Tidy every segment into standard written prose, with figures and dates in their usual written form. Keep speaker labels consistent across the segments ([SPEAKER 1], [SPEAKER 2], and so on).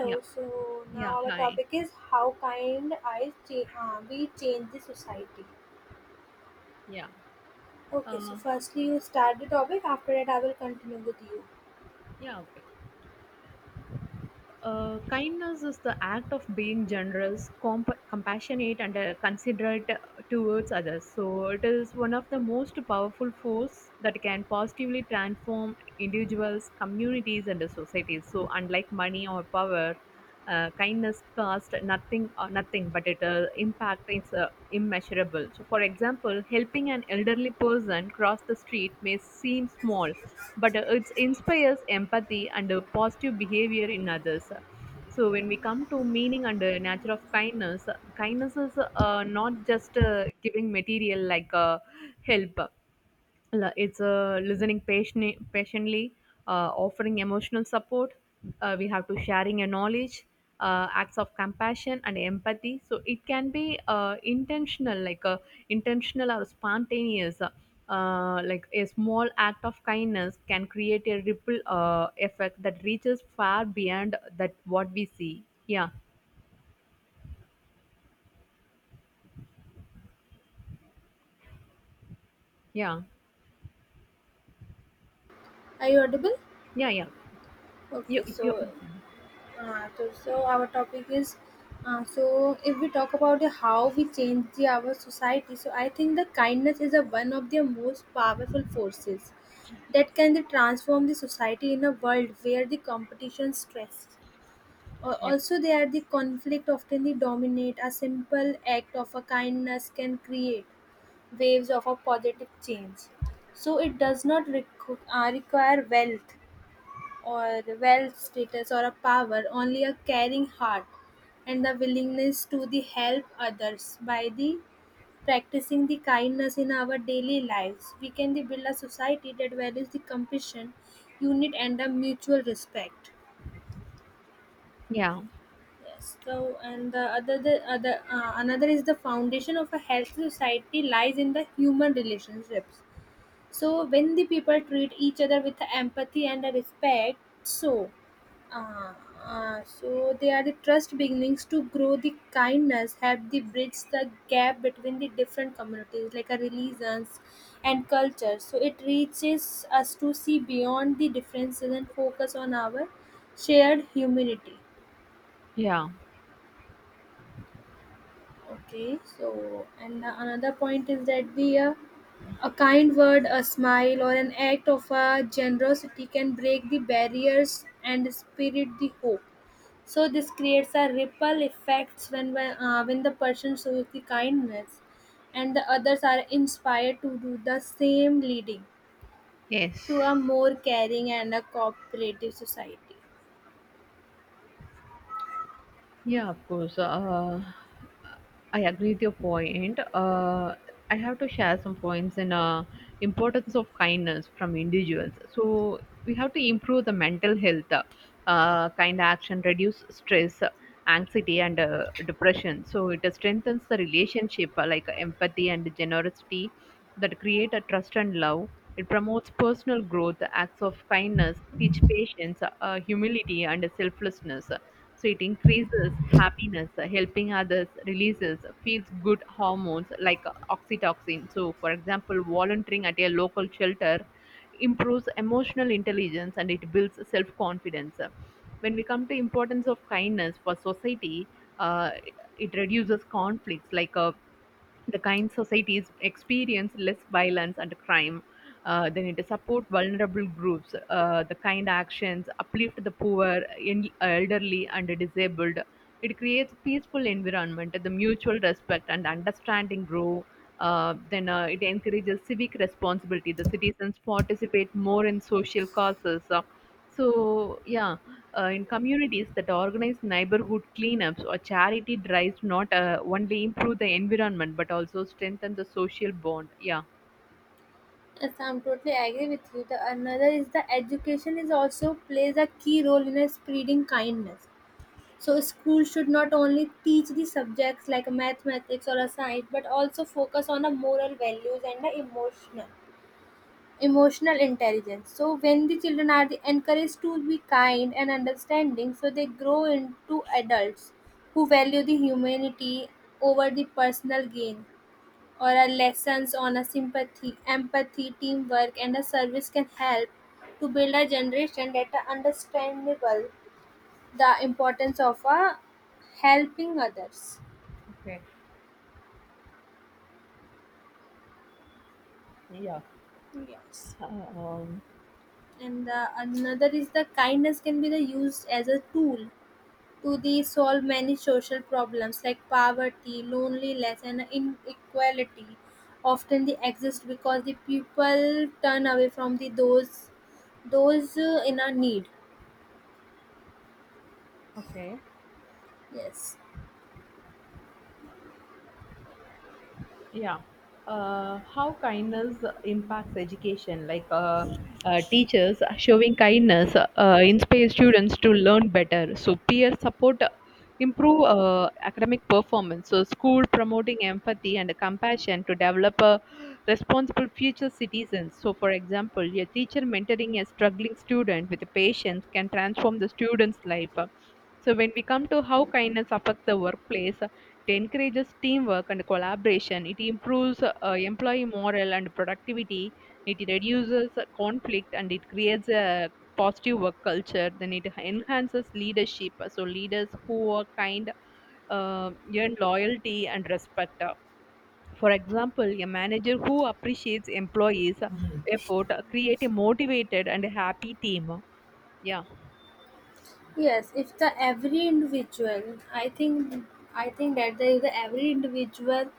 [SPEAKER 1] Yeah,
[SPEAKER 2] so now
[SPEAKER 1] yeah,
[SPEAKER 2] our
[SPEAKER 1] hi.
[SPEAKER 2] topic is how we change the society.
[SPEAKER 1] Yeah,
[SPEAKER 2] Okay, so
[SPEAKER 1] uh,
[SPEAKER 2] firstly you start the topic. After that, I will continue with you.
[SPEAKER 1] yeah, okay. Kindness is the act of being generous, compassionate, and considerate towards others. So it is one of the most powerful force that can positively transform individuals, communities, and the societies. So unlike money or power, kindness costs nothing or nothing, but its impact is immeasurable. So, for example, helping an elderly person cross the street may seem small, but it inspires empathy and positive behavior in others. So when we come to meaning and nature of kindness, kindness is not just giving material like help. It's listening patiently, patiently, offering emotional support, we have to sharing your knowledge, acts of compassion and empathy, so it can be intentional intentional or spontaneous, like a small act of kindness can create a ripple effect that reaches far beyond that what we see. Yeah, yeah,
[SPEAKER 2] Are you audible?
[SPEAKER 1] yeah, yeah. you,
[SPEAKER 2] Okay,
[SPEAKER 1] you,
[SPEAKER 2] so so our topic is so if we talk about the how we change our society. So I think the kindness is a one of the most powerful forces that can transform the society in a world where the competition stress
[SPEAKER 1] yeah,
[SPEAKER 2] Also, they are the conflict often the dominate. A simple act of a kindness can create waves of a positive change. So it does not require wealth or wealth status or a power. Only a caring heart and the willingness to the help others by the practicing the kindness in our daily lives we can the build a society that values the compassion unit and a mutual respect.
[SPEAKER 1] yeah,
[SPEAKER 2] So, and the other, another is the foundation of a healthy society lies in the human relationships. So, when the people treat each other with empathy and respect, so, uh, so they are the trust beginnings to grow. The kindness help the bridge the gap between the different communities, like a religions and culture. So, it reaches us to see beyond the differences and focus on our shared humanity.
[SPEAKER 1] yeah,
[SPEAKER 2] Okay, so and the another point is that the a kind word, a smile, or an act of generosity can break the barriers and spirit the hope. So this creates a ripple effects when when the person shows the kindness, and the others are inspired to do the same, leading to
[SPEAKER 1] yes.
[SPEAKER 2] a more caring and a cooperative society.
[SPEAKER 1] Yeah, of course. I agree with your point. I have to share some points in importance of kindness from individuals. So we have to improve the mental health. Kind action reduce stress, anxiety, and depression. So it strengthens the relationship like empathy and generosity that create a trust and love. It promotes personal growth, acts of kindness, teach patience, humility, and selflessness, so it increases happiness, helping others, releases feels good hormones like oxytocin. So, for example, volunteering at a local shelter improves emotional intelligence and it builds self confidence. When we come to importance of kindness for society, uh, it reduces conflicts like the kind societies experience less violence and crime. They need to support vulnerable groups. The kind actions uplift the poor, in, elderly, and disabled. It creates peaceful environment. The mutual respect and understanding grow. Then it encourages civic responsibility. The citizens participate more in social causes. So, yeah, in communities that organize neighborhood cleanups or charity drives, not only improve the environment but also strengthen the social bond. Yeah.
[SPEAKER 2] Yes, I'm totally agree with you. The another is the education is also plays a key role in spreading kindness. So school should not only teach the subjects like mathematics or a science, but also focus on the moral values and the emotional intelligence. So when the children are the- encouraged to be kind and understanding, so they grow into adults who value the humanity over the personal gain or our lessons on a sympathy, empathy, teamwork, and a service can help to build a generation that are understandable the importance of a helping others.
[SPEAKER 1] Okay. Yeah.
[SPEAKER 2] Yes.
[SPEAKER 1] Um,
[SPEAKER 2] And the, another is the kindness can be the used as a tool to the solve many social problems like poverty, loneliness, and inequality. Often they exist because the people turn away from the those in a need.
[SPEAKER 1] Okay.
[SPEAKER 2] Yes.
[SPEAKER 1] Yeah. How kindness impacts education, like teachers showing kindness inspire students to learn better. So peer support improve academic performance. So school promoting empathy and compassion to develop a responsible future citizens. So for example, a teacher mentoring a struggling student with patience can transform the student's life. So when we come to how kindness affects the workplace, it encourages teamwork and collaboration. It improves employee morale and productivity. It reduces conflict and it creates a positive work culture. Then it enhances leadership. So leaders who are kind earn loyalty and respect. For example, a manager who appreciates employees' effort create a motivated and happy team. Yeah.
[SPEAKER 2] Yes, if the every individual, I think that the, if the every individual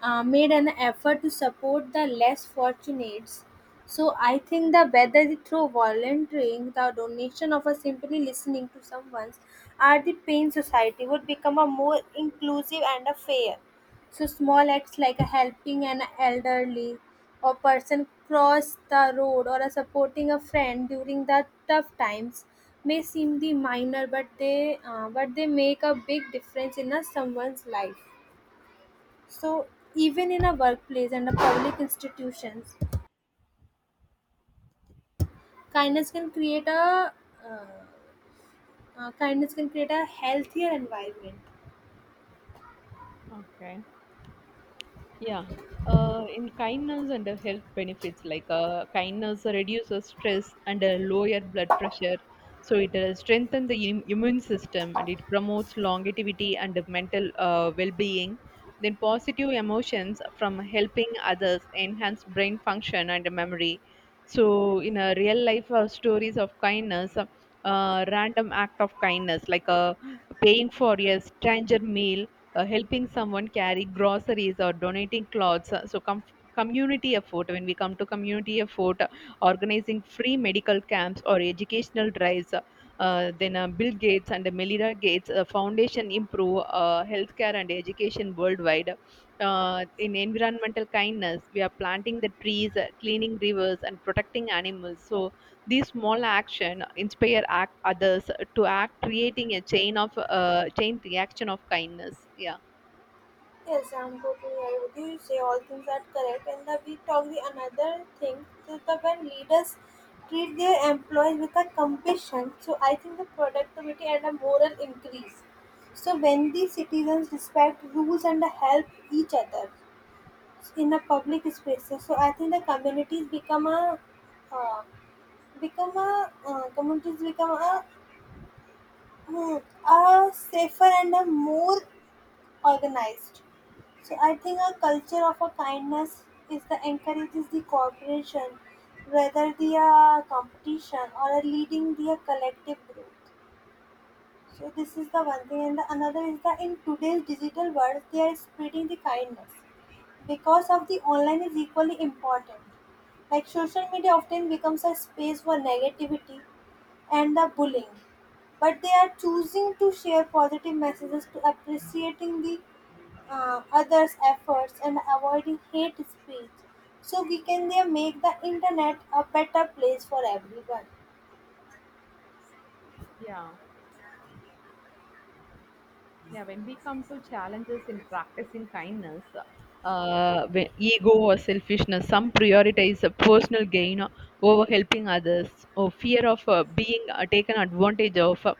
[SPEAKER 2] made an effort to support the less fortunates. So I think the whether they through volunteering, the donation of a simply listening to someone's, or the pain society would become a more inclusive and a fair. So small acts like helping an elderly or person cross the road or supporting a friend during the tough times may seem the minor, but they make a big difference in a someone's life. So even in a workplace and a public institutions, kindness can create a uh, kindness can create a healthier environment.
[SPEAKER 1] Okay. Yeah. In kindness and the health benefits, like kindness reduces stress and lower blood pressure. So it strengthens the immune system and it promotes longevity and the mental well-being. Then positive emotions from helping others enhance brain function and memory. So in a real life, stories of kindness, random act of kindness like paying for a stranger meal, helping someone carry groceries or donating clothes. Community effort, when we come to community effort, organizing free medical camps or educational drives, then Bill Gates and Melinda Gates foundation improve healthcare and education worldwide. In environmental kindness, we are planting the trees, cleaning rivers and protecting animals, so these small action inspire act others to act, creating a chain reaction of kindness. Yeah.
[SPEAKER 2] Yes, I'm totally agree with you. You say all things are correct, and the we talk the another thing. So, the when leaders treat their employees with a compassion. So I think the productivity and a moral increase. So when the citizens respect rules and help each other in the public spaces, so I think the communities become a uh, become a communities become a, hmm, a safer and a more organized. So I think a culture of a kindness is the encourages the cooperation, whether the competition or a leading the collective growth. So this is the one thing, and the another is that in today's digital world, they are spreading the kindness because of the online is equally important. Like social media often becomes a space for negativity and the bullying, but they are choosing to share positive messages to appreciating the others' efforts and avoiding hate speech. So we can there make the internet a better place for everyone.
[SPEAKER 1] Yeah. Yeah, when we come to challenges in practicing kindness, when ego or selfishness, some prioritize personal gain, over helping others, or fear of being taken advantage of,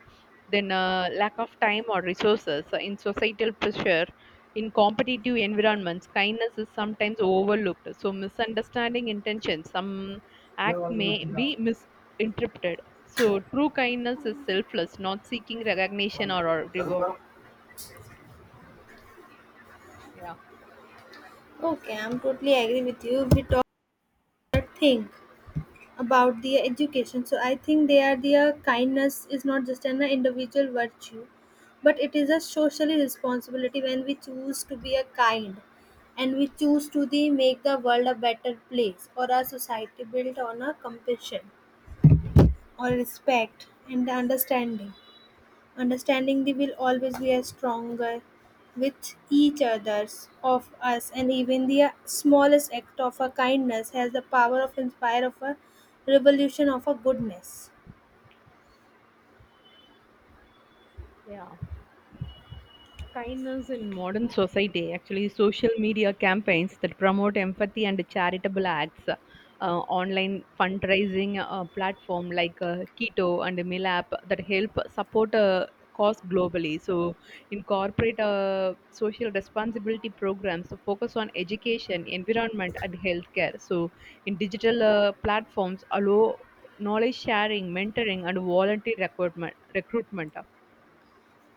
[SPEAKER 1] then lack of time or resources, in societal pressure. In competitive environments, kindness is sometimes overlooked. So, misunderstanding intentions, some act may be misinterpreted. So, true kindness is selfless, not seeking recognition or reward. Yeah,
[SPEAKER 2] Okay, I'm totally agree with you. We talk that thing about the education. So I think they are their kindness is not just an individual virtue, but it is a social responsibility when we choose to be a kind and we choose to the make the world a better place or a society built on a compassion or respect and understanding. Understanding they will always be are stronger with each others of us and even the smallest act of a kindness has the power of inspire of a revolution of a goodness.
[SPEAKER 1] yeah. Kindness in modern society, actually, social media campaigns that promote empathy and charitable acts, online fundraising platform like Keto and Milap that help support a cause globally. So, incorporate social responsibility programs to focus on education, environment, and healthcare. So, in digital platforms, allow knowledge sharing, mentoring, and volunteer recruitment. Recruitment.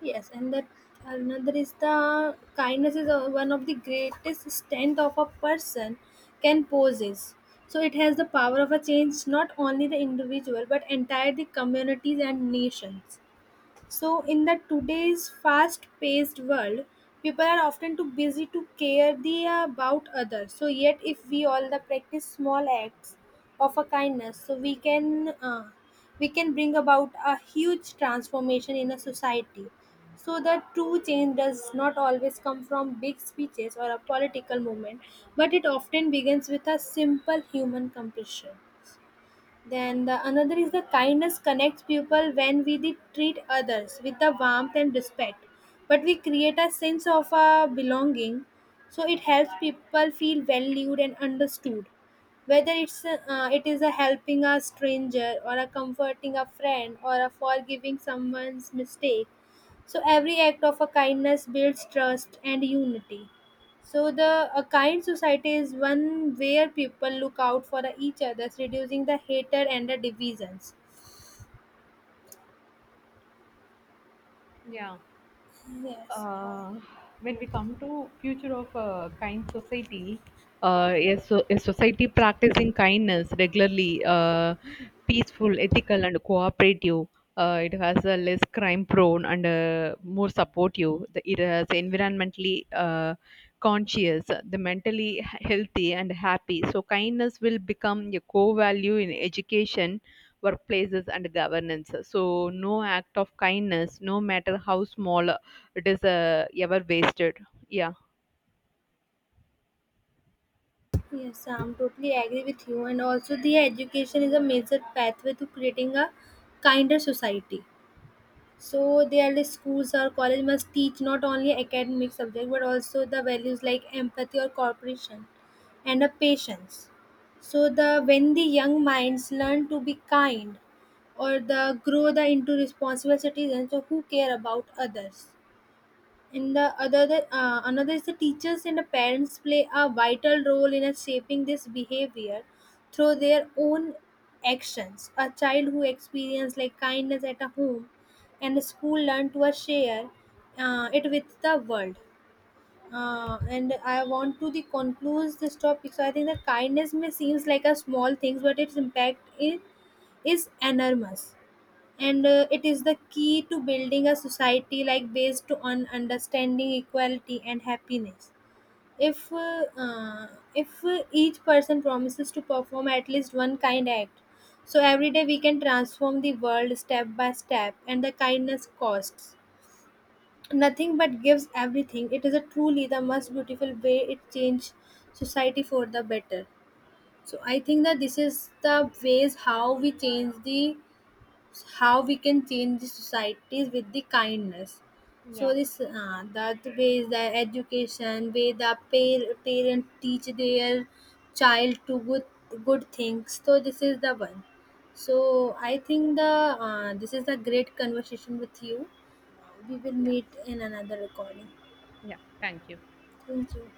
[SPEAKER 2] Yes, and that another is the kindness is one of the greatest strength of a person can possess. So it has the power of a change not only the individual but entire the communities and nations. So, in the today's fast-paced world, people are often too busy to care the about others. So, yet if we all the practice small acts of a kindness, so we can bring about a huge transformation in a society. So, the true change does not always come from big speeches or a political movement, but it often begins with a simple human compassion. Then the another is the kindness connects people when we de- treat others with the warmth and respect. But we create a sense of belonging, so it helps people feel valued and understood. Whether it's a, it is a helping a stranger or a comforting a friend or a forgiving someone's mistake. So every act of a kindness builds trust and unity. So the a kind society is one where people look out for each other, reducing the hatred and the divisions.
[SPEAKER 1] Yeah.
[SPEAKER 2] Yes, I-
[SPEAKER 1] uh, when we come to future of a kind society, a society practicing kindness regularly, peaceful, ethical, and cooperative. It has a less crime prone and more supportive. It has environmentally conscious, the mentally healthy and happy. So kindness will become a core value in education, workplaces, and governance. So no act of kindness, no matter how small, it is ever wasted. Yeah.
[SPEAKER 2] yes, I'm totally agree with you. And also, the education is a major pathway to creating a kinder society. So their like, schools or college must teach not only academic subject but also the values like empathy or cooperation and a patience. So the when the young minds learn to be kind or the grow the into responsible citizens so who care about others and the other, another is the teachers and the parents play a vital role in shaping this behavior through their own actions. A child who experiences like kindness at a home and the school learn to share it with the world. And I want to the conclude this topic. So I think that kindness may seems like a small thing but its is, is enormous and it is the key to building a society like based on understanding equality and happiness. If uh, uh, if uh, each person promises to perform at least one kind act so every day we can transform the world step by step and the kindness costs nothing but gives everything. It is a truly the most beautiful way it change society for the better. So I think that this is the ways how we change the how we can change the societies with the kindness.
[SPEAKER 1] Yeah.
[SPEAKER 2] So this that way is the education way. The parent teach their child to good things. So this is the one. So I think the this is a great conversation with you. We will
[SPEAKER 1] Yeah.
[SPEAKER 2] meet in another recording.
[SPEAKER 1] Yeah. Thank you.
[SPEAKER 2] Thank you.